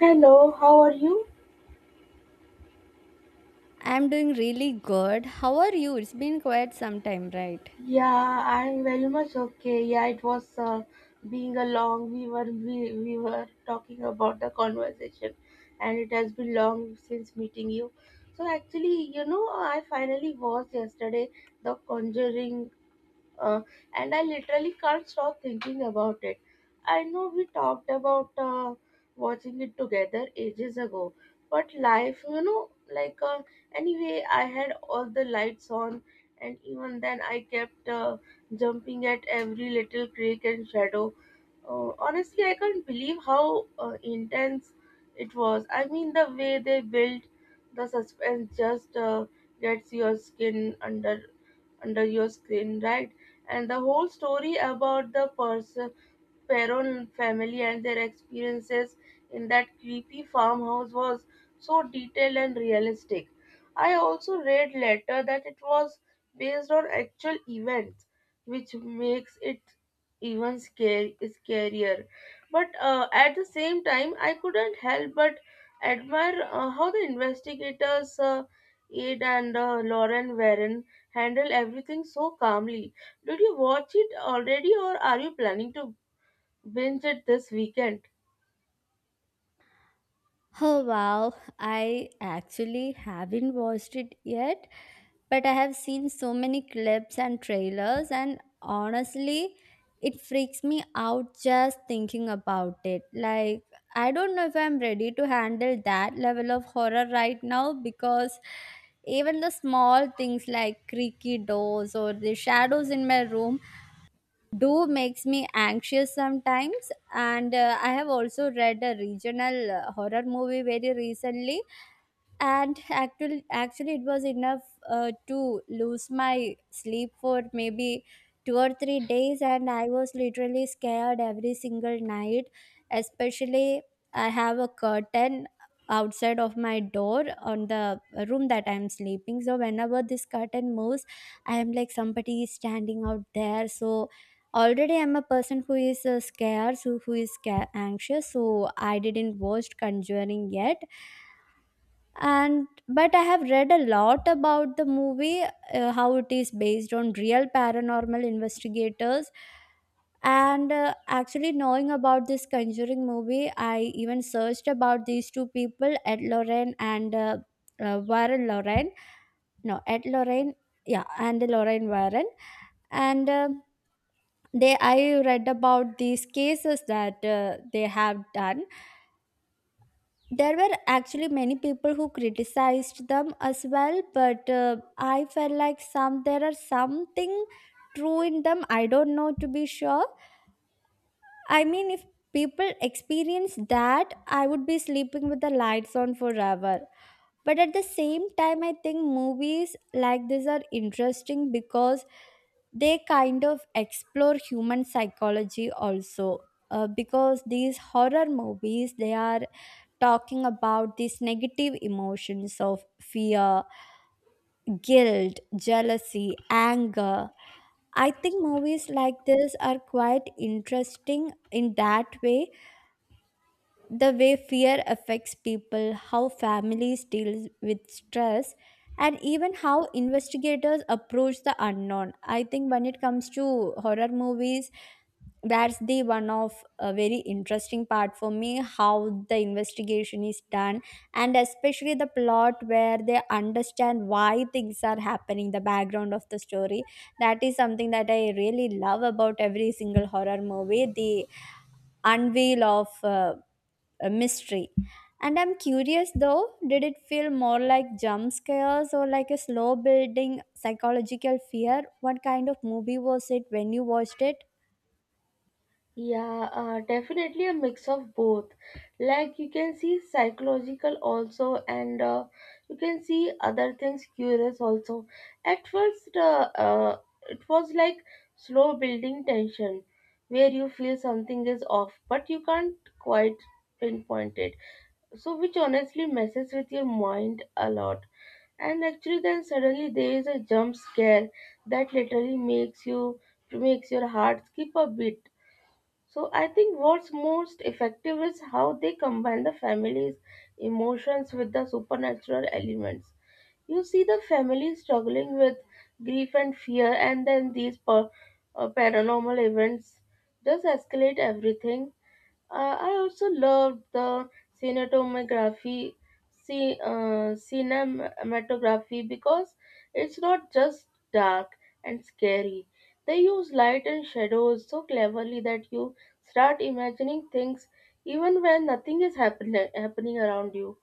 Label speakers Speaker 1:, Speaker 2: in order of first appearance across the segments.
Speaker 1: Hello, how are you?
Speaker 2: I'm doing really good. How are you? It's been quite some time, right?
Speaker 1: Yeah, I'm very much okay. Yeah, it was being a long. We were talking about the conversation, and it has been long since meeting you. So actually, you know, I finally watched yesterday the Conjuring uh, and I literally can't stop thinking about it. I know we talked about watching it together ages ago, but life, anyway, I had all the lights on, and even then, I kept jumping at every little creek and shadow. Honestly, I can't believe how intense it was. I mean, the way they built the suspense just gets your skin under your screen, right? And the whole story about the person Perron family and their experiences in that creepy farmhouse was so detailed and realistic. I also read later that it was based on actual events, which makes it even scarier. But at the same time, I couldn't help but admire how the investigators, Aid and Lauren Warren, handle everything so calmly. Did you watch it already, or are you planning to binge it this weekend?
Speaker 2: Oh wow, I actually haven't watched it yet, but I have seen so many clips and trailers, and honestly, it freaks me out just thinking about it. Like, I don't know if I'm ready to handle that level of horror right now because even the small things like creaky doors or the shadows in my room do makes me anxious sometimes. And I have also read a regional horror movie very recently, and actually it was enough to lose my sleep for maybe 2 or 3 days. And I was literally scared every single night, especially I have a curtain outside of my door on the room that I'm sleeping, so whenever this curtain moves I am like somebody is standing out there. So already I'm a person who is scared, so who is anxious, so I didn't watch Conjuring yet. And but I have read a lot about the movie, how it is based on real paranormal investigators. And actually knowing about this Conjuring movie I even searched about these two people, Ed Lorraine and Warren Lorraine, no Ed Lorraine, yeah, and Lorraine Warren. And they I read about these cases that they have done. There were actually many people who criticized them as well, but I felt like some there are something true in them, I don't know to be sure. I mean, if people experience that I would be sleeping with the lights on forever. But at the same time I think movies like this are interesting because they kind of explore human psychology also, because these horror movies they are talking about these negative emotions of fear, guilt, jealousy, anger. I think movies like this are quite interesting in that way, the way fear affects people, how families deal with stress, and even how investigators approach the unknown. I think when it comes to horror movies, that's the one of a very interesting part for me, how the investigation is done, and especially the plot where they understand why things are happening, the background of the story. That is something that I really love about every single horror movie, the unveil of a mystery. And I'm curious though, did it feel more like jump scares or like a slow building psychological fear? What kind of movie was it when you watched it?
Speaker 1: Yeah, definitely a mix of both. Like, you can see psychological also, and you can see other things curious also. At first, it was like slow building tension, where you feel something is off, but you can't quite pinpoint it. So, which honestly messes with your mind a lot. And actually then suddenly there is a jump scare that literally makes you makes your heart skip a beat. So I think what's most effective is how they combine the family's emotions with the supernatural elements. You see the family struggling with grief and fear, and then these paranormal events just escalate everything. I also loved the cinematography. Cinematography because it's not just dark and scary. They use light and shadows so cleverly that you start imagining things even when nothing is happening around you.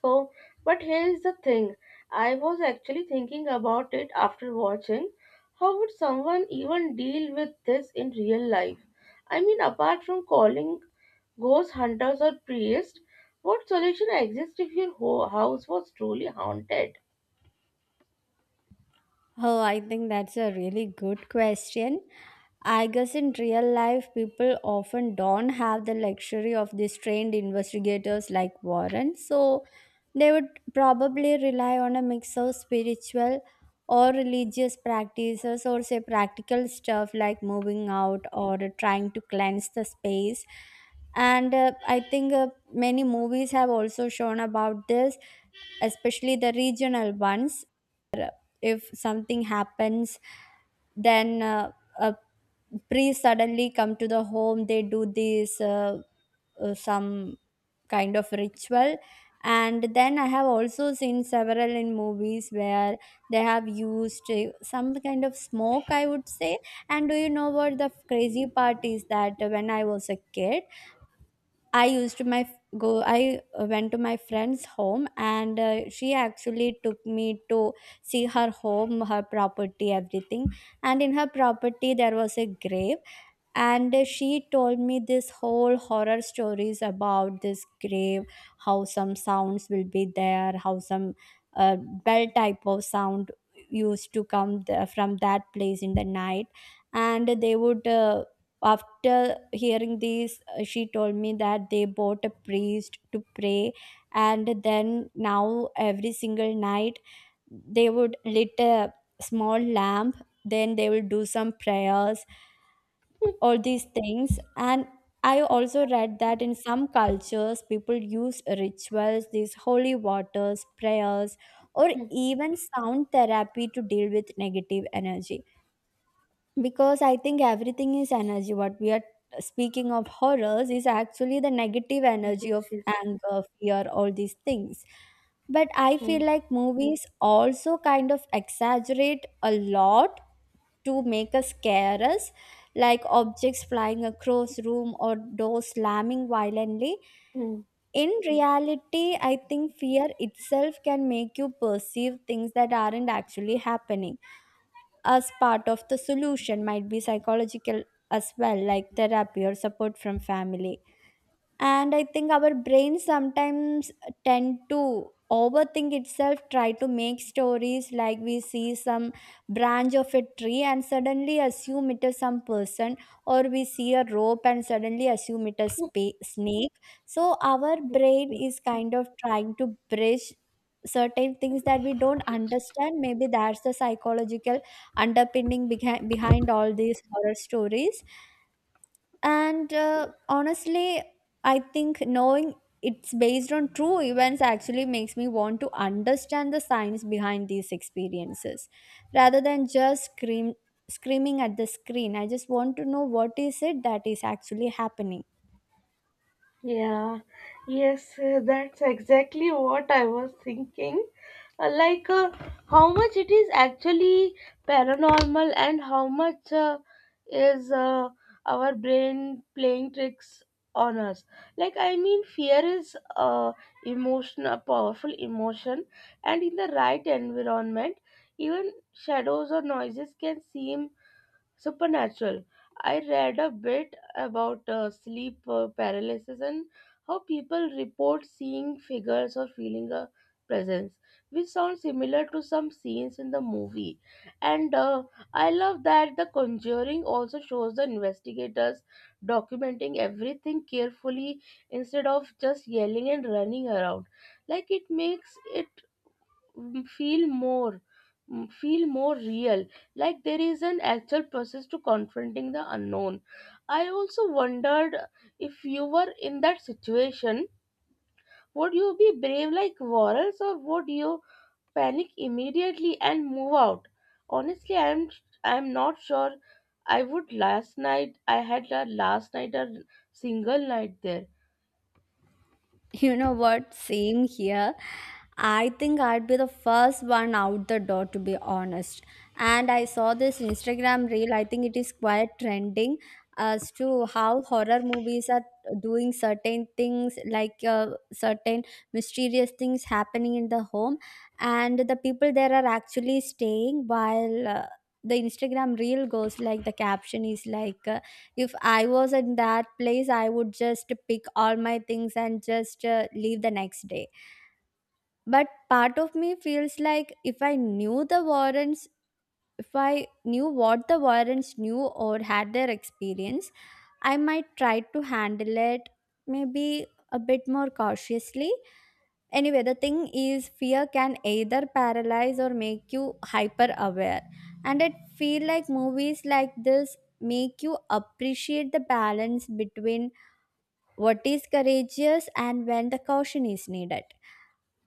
Speaker 1: So, but here is the thing. I was actually thinking about it after watching. How would someone even deal with this in real life? I mean, apart from calling ghost hunters or priests, what solution exists if your whole house was truly haunted?
Speaker 2: Oh, I think that's a really good question. I guess in real life, people often don't have the luxury of these trained investigators like Warren, so they would probably rely on a mix of spiritual or religious practices, or say practical stuff like moving out or trying to cleanse the space. And I think many movies have also shown about this, especially the regional ones. If something happens, then a priest suddenly come to the home, they do this some kind of ritual. And then I have also seen several in movies where they have used some kind of smoke, I would say. And do you know what the crazy part is, that when I was a kid I used to my go. I went to my friend's home, and she actually took me to see her home, her property, everything. And in her property, there was a grave, and she told me this whole horror stories about this grave, how some sounds will be there, how some uh, bell type of sound used to come from that place in the night. And they would after hearing these she told me that they bought a priest to pray. And then now every single night they would lit a small lamp, then they will do some prayers, all these things. And I also read that in some cultures people use rituals, these holy waters, prayers, or even sound therapy to deal with negative energy, because I think everything is energy. What we are speaking of horrors is actually the negative energy
Speaker 1: Yes,
Speaker 2: of
Speaker 1: yes.
Speaker 2: anger, fear, all these things. But I
Speaker 1: Hmm.
Speaker 2: feel like movies also kind of exaggerate a lot to make us careless, like objects flying across room or doors slamming violently.
Speaker 1: Hmm.
Speaker 2: In reality, I think fear itself can make you perceive things that aren't actually happening, as part of the solution might be psychological as well, like therapy or support from family. And I think our brain sometimes tend to overthink itself, try to make stories, like we see some branch of a tree and suddenly assume it is some person, or we see a rope and suddenly assume it is snake. So our brain is kind of trying to bridge certain things that we don't understand. Maybe that's the psychological underpinning behind all these horror stories. And honestly, I think knowing it's based on true events actually makes me want to understand the science behind these experiences rather than just screaming at the screen. I just want to know what is it that is actually happening.
Speaker 1: Yeah, yes, that's exactly what I was thinking. Like, how much it is actually paranormal and how much is our brain playing tricks on us. Like, I mean, fear is emotion, a powerful emotion, and in the right environment, even shadows or noises can seem supernatural. I read a bit about sleep paralysis and how people report seeing figures or feeling a presence, which sounds similar to some scenes in the movie. And I love that The Conjuring also shows the investigators documenting everything carefully instead of just yelling and running around. Like, it makes it mm, feel more feel more real, like there is an actual process to confronting the unknown. I also wondered, if you were in that situation, would you be brave like Warrels, or would you panic immediately and move out? Honestly, I'm not sure I would. Last night I had a last night a single night there.
Speaker 2: You know what? Same here. I think I'd be the first one out the door, to be honest. And I saw this Instagram reel, I think it is quite trending, as to how horror movies are doing certain things, like certain mysterious things happening in the home and the people there are actually staying, while the Instagram reel goes, like the caption is like, if I was in that place, I would just pick all my things and just leave the next day. But part of me feels like if I knew the Warrens, if I knew what the Warrens knew or had their experience, I might try to handle it maybe a bit more cautiously. Anyway, the thing is, fear can either paralyze or make you hyper aware. And I feel like movies like this make you appreciate the balance between what is courageous and when the caution is needed.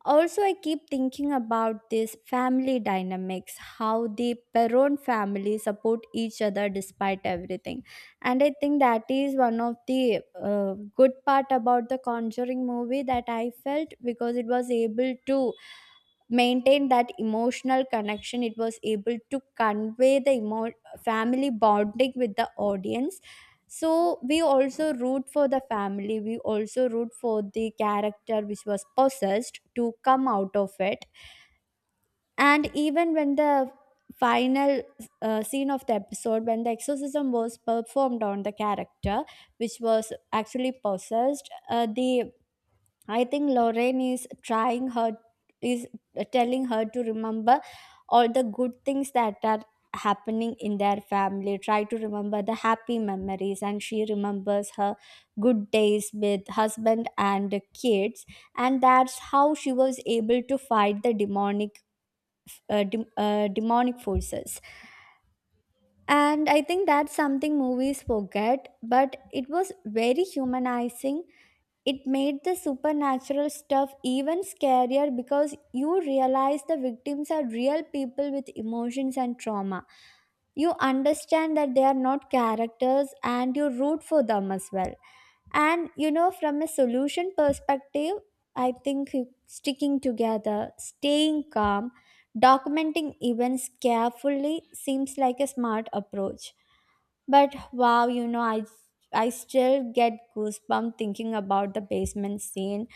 Speaker 2: Also, I keep thinking about this family dynamics, how the Peron family support each other despite everything. And I think that is one of the good part about the Conjuring movie that I felt, because it was able to maintain that emotional connection, it was able to convey the family bonding with the audience. So we also root for the family, we also root for the character which was possessed to come out of it. And even when the final scene of the episode, when the exorcism was performed on the character which was actually possessed, the I think Lorraine is trying her is telling her to remember all the good things that are happening in their family. Try to remember the happy memories, and she remembers her good days with husband and kids, and that's how she was able to fight the demonic demonic forces. And I think that's something movies forget, but it was very humanizing, it made the supernatural stuff even scarier because you realize the victims are real people with emotions and trauma. You understand that they are not characters and you root for them as well. And you know, from a solution perspective, I think sticking together, staying calm, documenting events carefully seems like a smart approach. But wow, you know, I still get goosebumps thinking about the basement scene.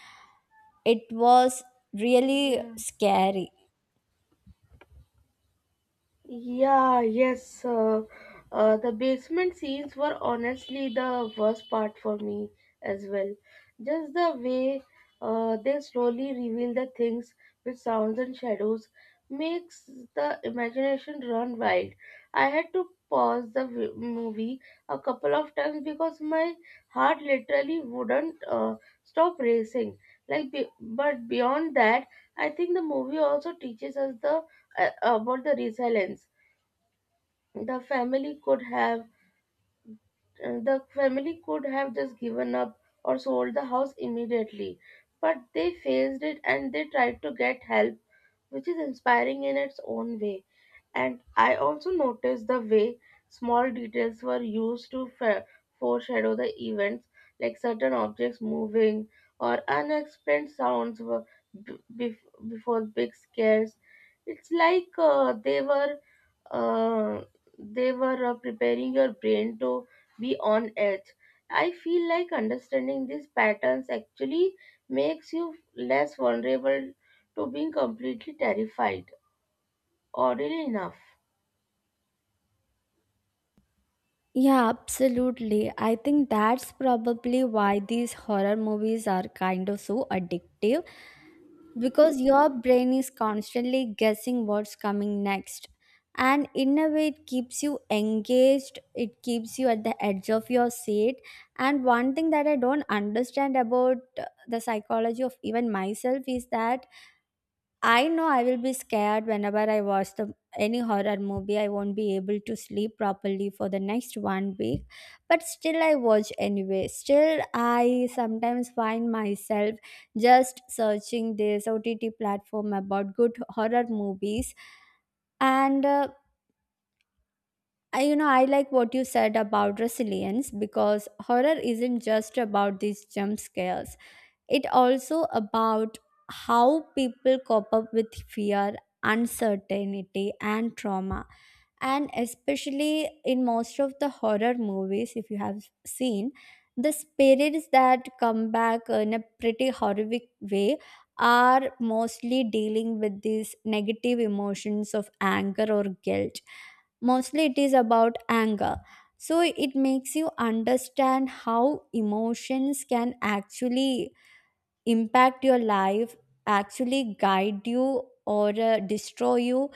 Speaker 2: It was really
Speaker 1: Yeah.
Speaker 2: scary.
Speaker 1: Yeah, yes. The basement scenes were honestly the worst part for me as well. Just the way they slowly reveal the things with sounds and shadows makes the imagination run wild. I had to pause the movie a couple of times because my heart literally wouldn't stop racing. But beyond that, I think the movie also teaches us the about the resilience the family could have the family could have. Just given up or sold the house immediately, but they faced it and they tried to get help, which is inspiring in its own way. And I also noticed the way small details were used to foreshadow the events, like certain objects moving or unexplained sounds were before big scares. It's like uh, they were preparing your brain to be on edge. I feel like understanding these patterns actually makes you less vulnerable to being completely terrified. Oddly enough,
Speaker 2: Yeah, absolutely. I think that's probably why these horror movies are kind of so addictive, because your brain is constantly guessing what's coming next, and in a way it keeps you engaged, it keeps you at the edge of your seat. And one thing that I don't understand about the psychology of even myself is that I know I will be scared whenever I watch the any horror movie. I won't be able to sleep properly for the next one week, but still I watch anyway. Still, I sometimes find myself just searching this OTT platform about good horror movies, and you know I like what you said about resilience, because horror isn't just about these jump scares. It also about how people cope up with fear, uncertainty and trauma. And especially in most of the horror movies if you have seen, the spirits that come back in a pretty horrific way are mostly dealing with these negative emotions of anger or guilt. Mostly it is about anger. So it makes you understand how emotions can actually impact your life, actually guide you or destroy you.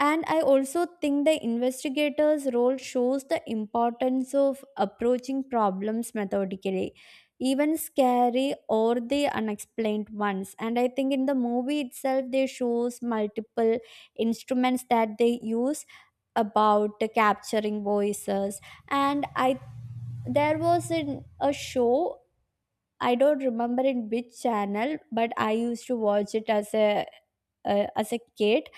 Speaker 2: And I also think the investigator's role shows the importance of approaching problems methodically, even scary or the unexplained ones. And I think in the movie itself they shows multiple instruments that they use about capturing voices. And I there was an, a show, I don't remember in which channel, but I used to watch it as a kid.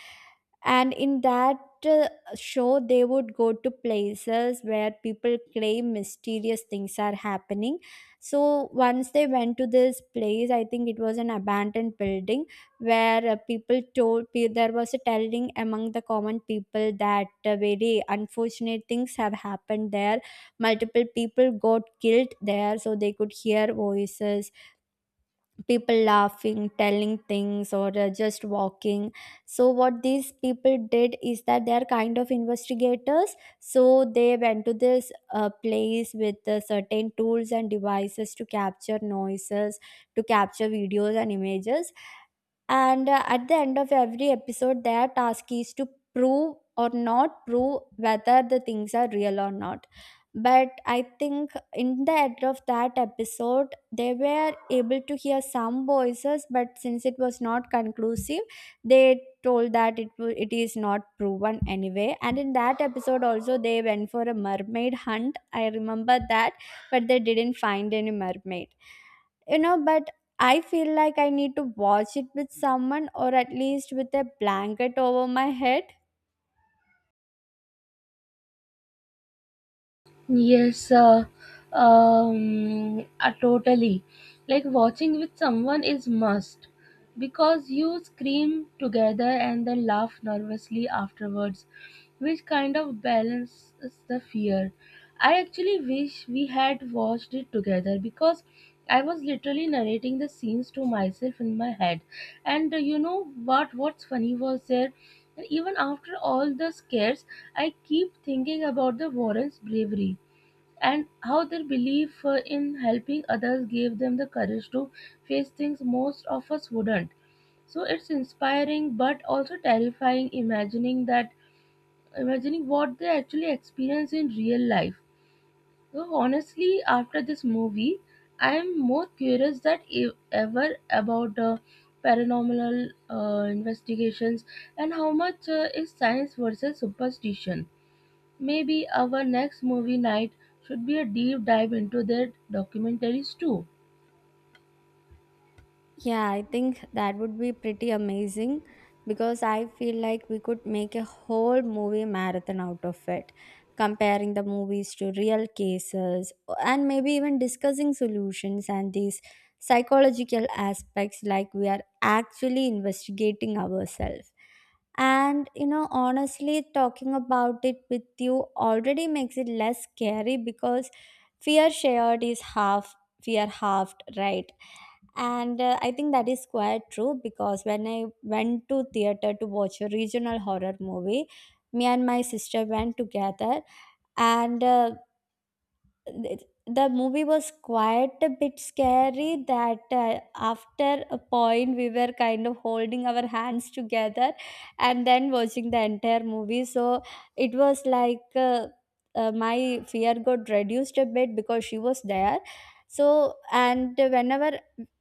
Speaker 2: And in that uh, show, they would go to places where people claim mysterious things are happening. So once they went to this place, I think it was an abandoned building where people there was a telling among the common people that very unfortunate things have happened there, multiple people got killed there. So they could hear voices, people laughing, telling things, or just walking. So what these people did is that they are kind of investigators, so they went to this place with certain tools and devices to capture noises, to capture videos and images. And at the end of every episode their task is to prove or not prove whether the things are real or not. But I think in the end of that episode they were able to hear some voices, but since it was not conclusive they told that it is not proven anyway. And in that episode also they went for a mermaid hunt, I remember that, but they didn't find any mermaid, but I feel like I need to watch it with someone or at least with a blanket over my head.
Speaker 1: yes, totally. Like, watching with someone is must because you scream together and then laugh nervously afterwards, which kind of balances the fear. I actually wish we had watched it together because I was literally narrating the scenes to myself in my head. And you know what? What's funny was there. And even after all the scares, I keep thinking about the Warren's bravery and how their belief in helping others gave them the courage to face things most of us wouldn't. So it's inspiring but also terrifying, imagining what they actually experience in real life. So honestly, after this movie, I am more curious than ever about paranormal investigations and how much is science versus superstition. Maybe our next movie night should be a deep dive into their documentaries too.
Speaker 2: Yeah, I think that would be pretty amazing because I feel like we could make a whole movie marathon out of it, comparing the movies to real cases and maybe even discussing solutions and these psychological aspects, like we are actually investigating ourselves. And you know, honestly, talking about it with you already makes it less scary because fear shared is half, fear halved, right? And I think that is quite true because when I went to theater to watch a regional horror movie, me and my sister went together. And th- the movie was quite a bit scary that after a point we were kind of holding our hands together and then watching the entire movie. So it was like my fear got reduced a bit because she was there. So, and whenever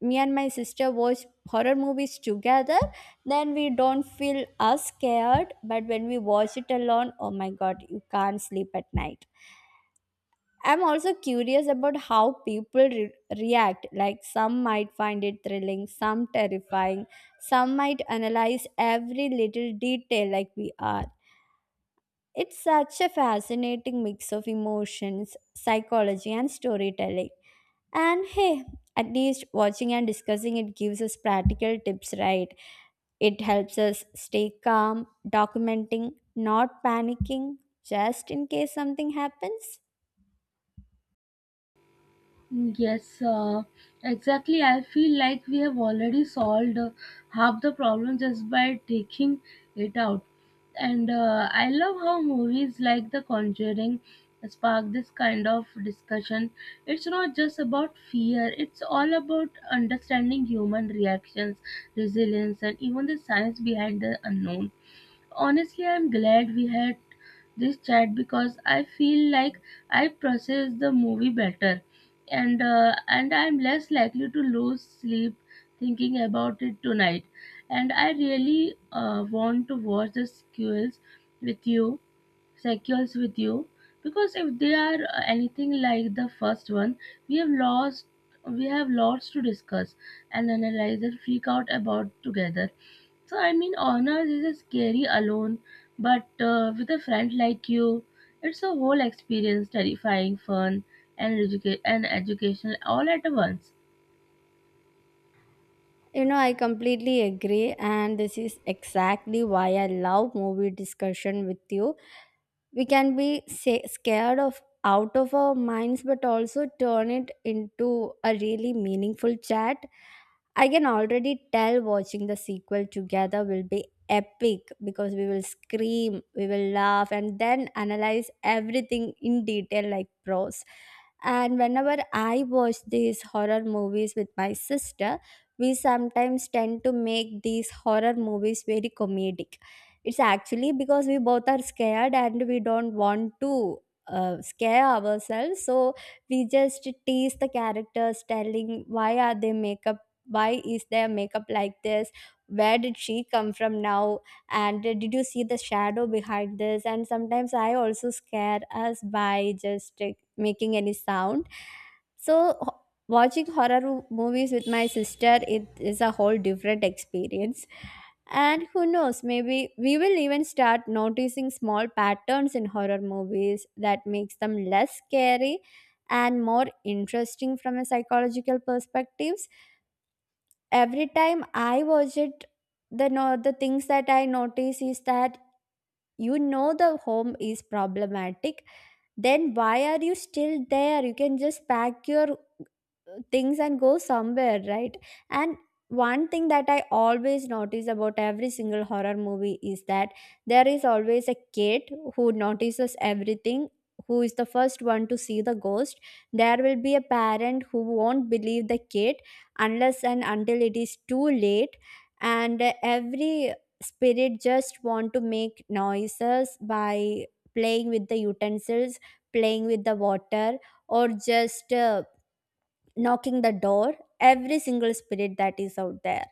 Speaker 2: me and my sister watch horror movies together, then we don't feel as scared. But when we watch it alone, oh my god, you can't sleep at night. I'm also curious about how react. Like, some might find it thrilling, some terrifying, some might analyze every little detail like we are. It's such a fascinating mix of emotions, psychology, and storytelling. And hey, at least watching and discussing it gives us practical tips, right? It helps us stay calm, documenting, not panicking, just in case something happens.
Speaker 1: Yes, exactly. I feel like we have already solved half the problem just by taking it out. And I love how movies like The Conjuring spark this kind of discussion. It's not just about fear, it's all about understanding human reactions, resilience, and even the science behind the unknown. Honestly, I'm glad we had this chat because I feel like I process the movie better, and I'm less likely to lose sleep thinking about it tonight. And I really want to watch the sequels with you, cycles with you, because if they are anything like the first one, we have lost we have lots to discuss and analyze and freak out about together. So, I mean, honors is a scary alone, but with a friend like you, it's a whole experience: terrifying, fun, and educational all at once.
Speaker 2: You know, I completely agree, and this is exactly why I love movie discussion with you. We can be scared of out of our minds, but also turn it into a really meaningful chat. I can already tell watching the sequel together will be epic because we will scream, we will laugh, and then analyze everything in detail like pros. And whenever I watch these horror movies with my sister, we sometimes tend to make these horror movies very comedic. It's actually because we both are scared and we don't want to scare ourselves. So we just tease the characters, telling why are they makeup, why is their makeup like this, where did she come from now, and did you see the shadow behind this? And sometimes I also scare us by just making any sound. So watching horror movies with my sister, it is a whole different experience. And who knows, maybe we will even start noticing small patterns in horror movies that makes them less scary and more interesting from a psychological perspectives. Every time I watch it, the no, the things that I notice is that, you know, the home is problematic, then why are you still there? You can just pack your things and go somewhere, right? And one thing that I always notice about every single horror movie is that there is always a kid who notices everything, who is the first one to see the ghost. There will be a parent who won't believe the kid unless and until it is too late. And every spirit just want to make noises by playing with the utensils, playing with the water, or just knocking the door, every single spirit that is out there.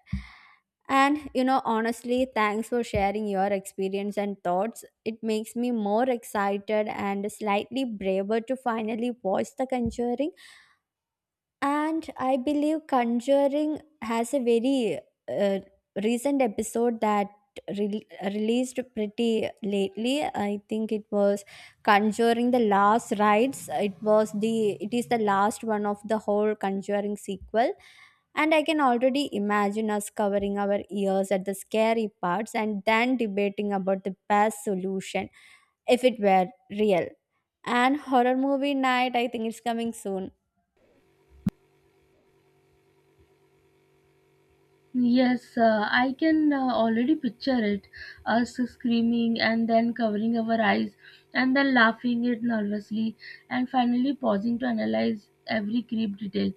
Speaker 2: And you know, honestly, thanks for sharing your experience and thoughts. It makes me more excited and slightly braver to finally watch The Conjuring. And I believe Conjuring has a very uh, recent episode that released pretty lately. I think it was Conjuring the Last Rites. It is the last one of the whole Conjuring sequel. And I can already imagine us covering our ears at the scary parts and then debating about the best solution if it were real. And horror movie night, I think it's coming soon.
Speaker 1: Yes, I can already picture it: us screaming and then covering our eyes and then laughing it nervously and finally pausing to analyze every creep detail.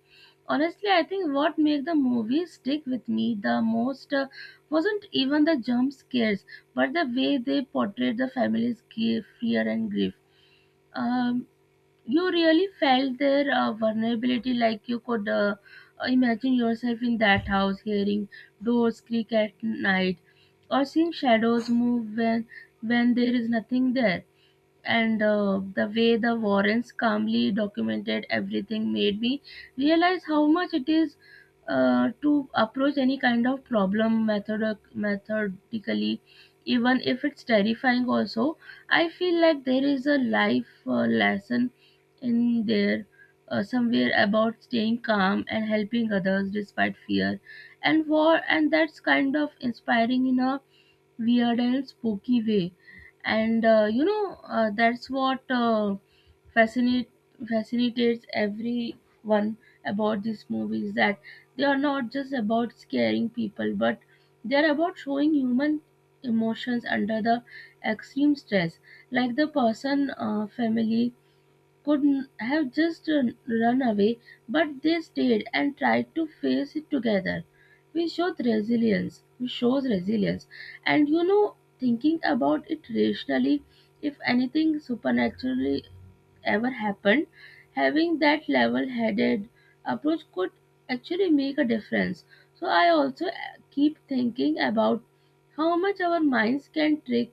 Speaker 1: Honestly, I think what made the movie stick with me the most wasn't even the jump scares, but the way they portrayed the family's care, fear, and grief. Um, you really felt their vulnerability, like you could imagine yourself in that house hearing doors creak at night or seeing shadows move when there is nothing there. And the way the Warrens calmly documented everything made me realize how much it is to approach any kind of problem methodically, even if it's terrifying also. I feel like there is a life lesson in there somewhere about staying calm and helping others despite fear and war, and that's kind of inspiring in a weird and spooky way. And that's what fascinate fascinates everyone about these movies, that they are not just about scaring people, but they're about showing human emotions under the extreme stress. Like the person family could have just run away, but they stayed and tried to face it together. We showed resilience. We shows resilience. And you know, thinking about it rationally, if anything supernaturally ever happened, having that level headed approach could actually make a difference. So, I also keep thinking about how much our minds can trick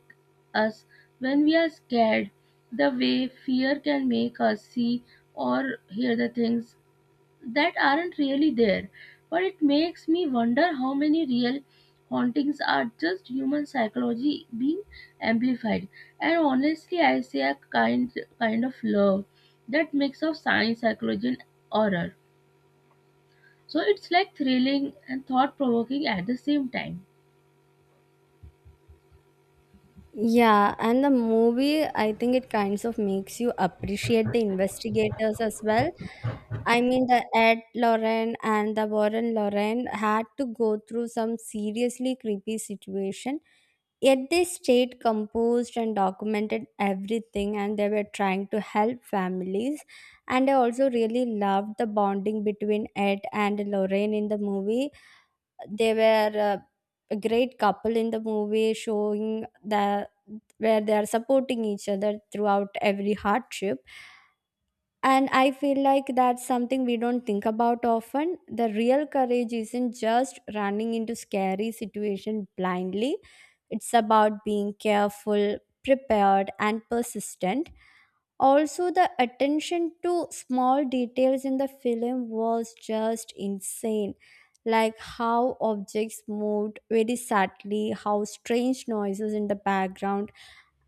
Speaker 1: us when we are scared, the way fear can make us see or hear the things that aren't really there. But it makes me wonder how many real hauntings are just human psychology being amplified. And honestly, I say a kind of love that mix of science, psychology, and horror. So it's like thrilling and thought provoking at the same time.
Speaker 2: Yeah, and the movie, I think it kinds of makes you appreciate the investigators as well. I mean, the Ed Lauren and the Warren Lauren had to go through some seriously creepy situation, yet they stayed composed and documented everything, and they were trying to help families. And I also really loved the bonding between Ed and Lorraine in the movie. They were a great couple in the movie, showing the where they are supporting each other throughout every hardship. And I feel like that's something we don't think about often. The real courage isn't just running into scary situation blindly. It's about being careful, prepared, and persistent. Also, the attention to small details in the film was just insane, like how objects moved very subtly, how strange noises in the background.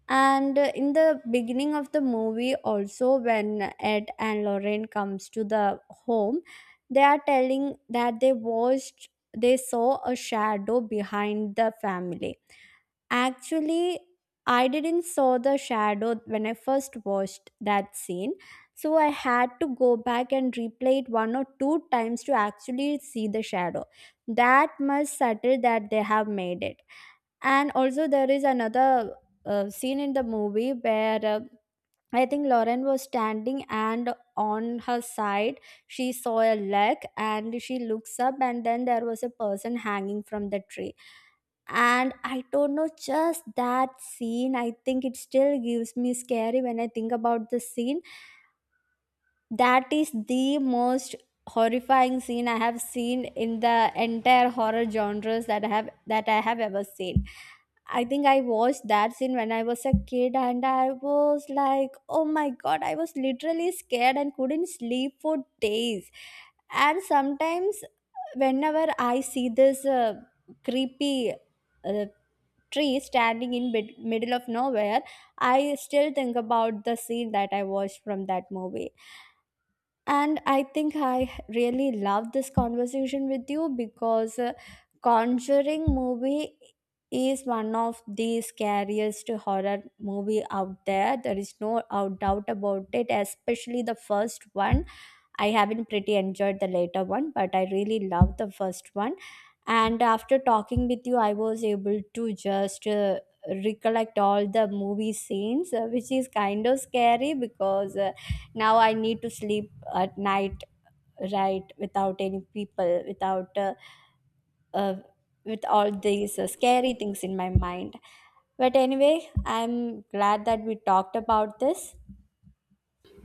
Speaker 2: And in the beginning of the movie also, when Ed and Lorraine comes to the home, they are telling that they saw a shadow behind the family. Actually, I didn't saw the shadow when I first watched that scene, so I had to go back and replay it one or two times to actually see the shadow, that much subtle that they have made it. And also, there is another scene in the movie where I think Lauren was standing, and on her side she saw a leg and she looks up, and then there was a person hanging from the tree. And I don't know, just that scene, I think it still gives me scary when I think about the scene. That is the most horrifying scene I have seen in the entire horror genres that I have ever seen. I think I watched that scene when I was a kid and I was like, oh my god, I was literally scared and couldn't sleep for days. And sometimes, whenever I see this creepy uh, tree standing in middle of nowhere, I still think about the scene that I watched from that movie. And I think I really love this conversation with you because Conjuring movie is one of the scariest horror movie out there. There is no doubt about it, especially the first one. I haven't pretty enjoyed the later one, but I really love the first one. And after talking with you, I was able to just recollect all the movie scenes, which is kind of scary because now I need to sleep at night, right, without any people, without uh, with all these scary things in my mind. But anyway, I'm glad that we talked about this.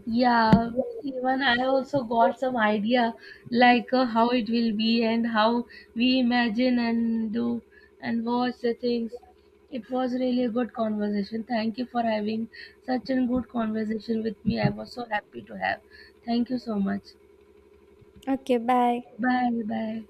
Speaker 1: Yeah, even I also got some idea, like how it will be and how we imagine and do and watch the things. It was really a good conversation. Thank you for having such a good conversation with me. I was so happy to have. Thank you so much.
Speaker 2: Okay, bye.
Speaker 1: Bye bye.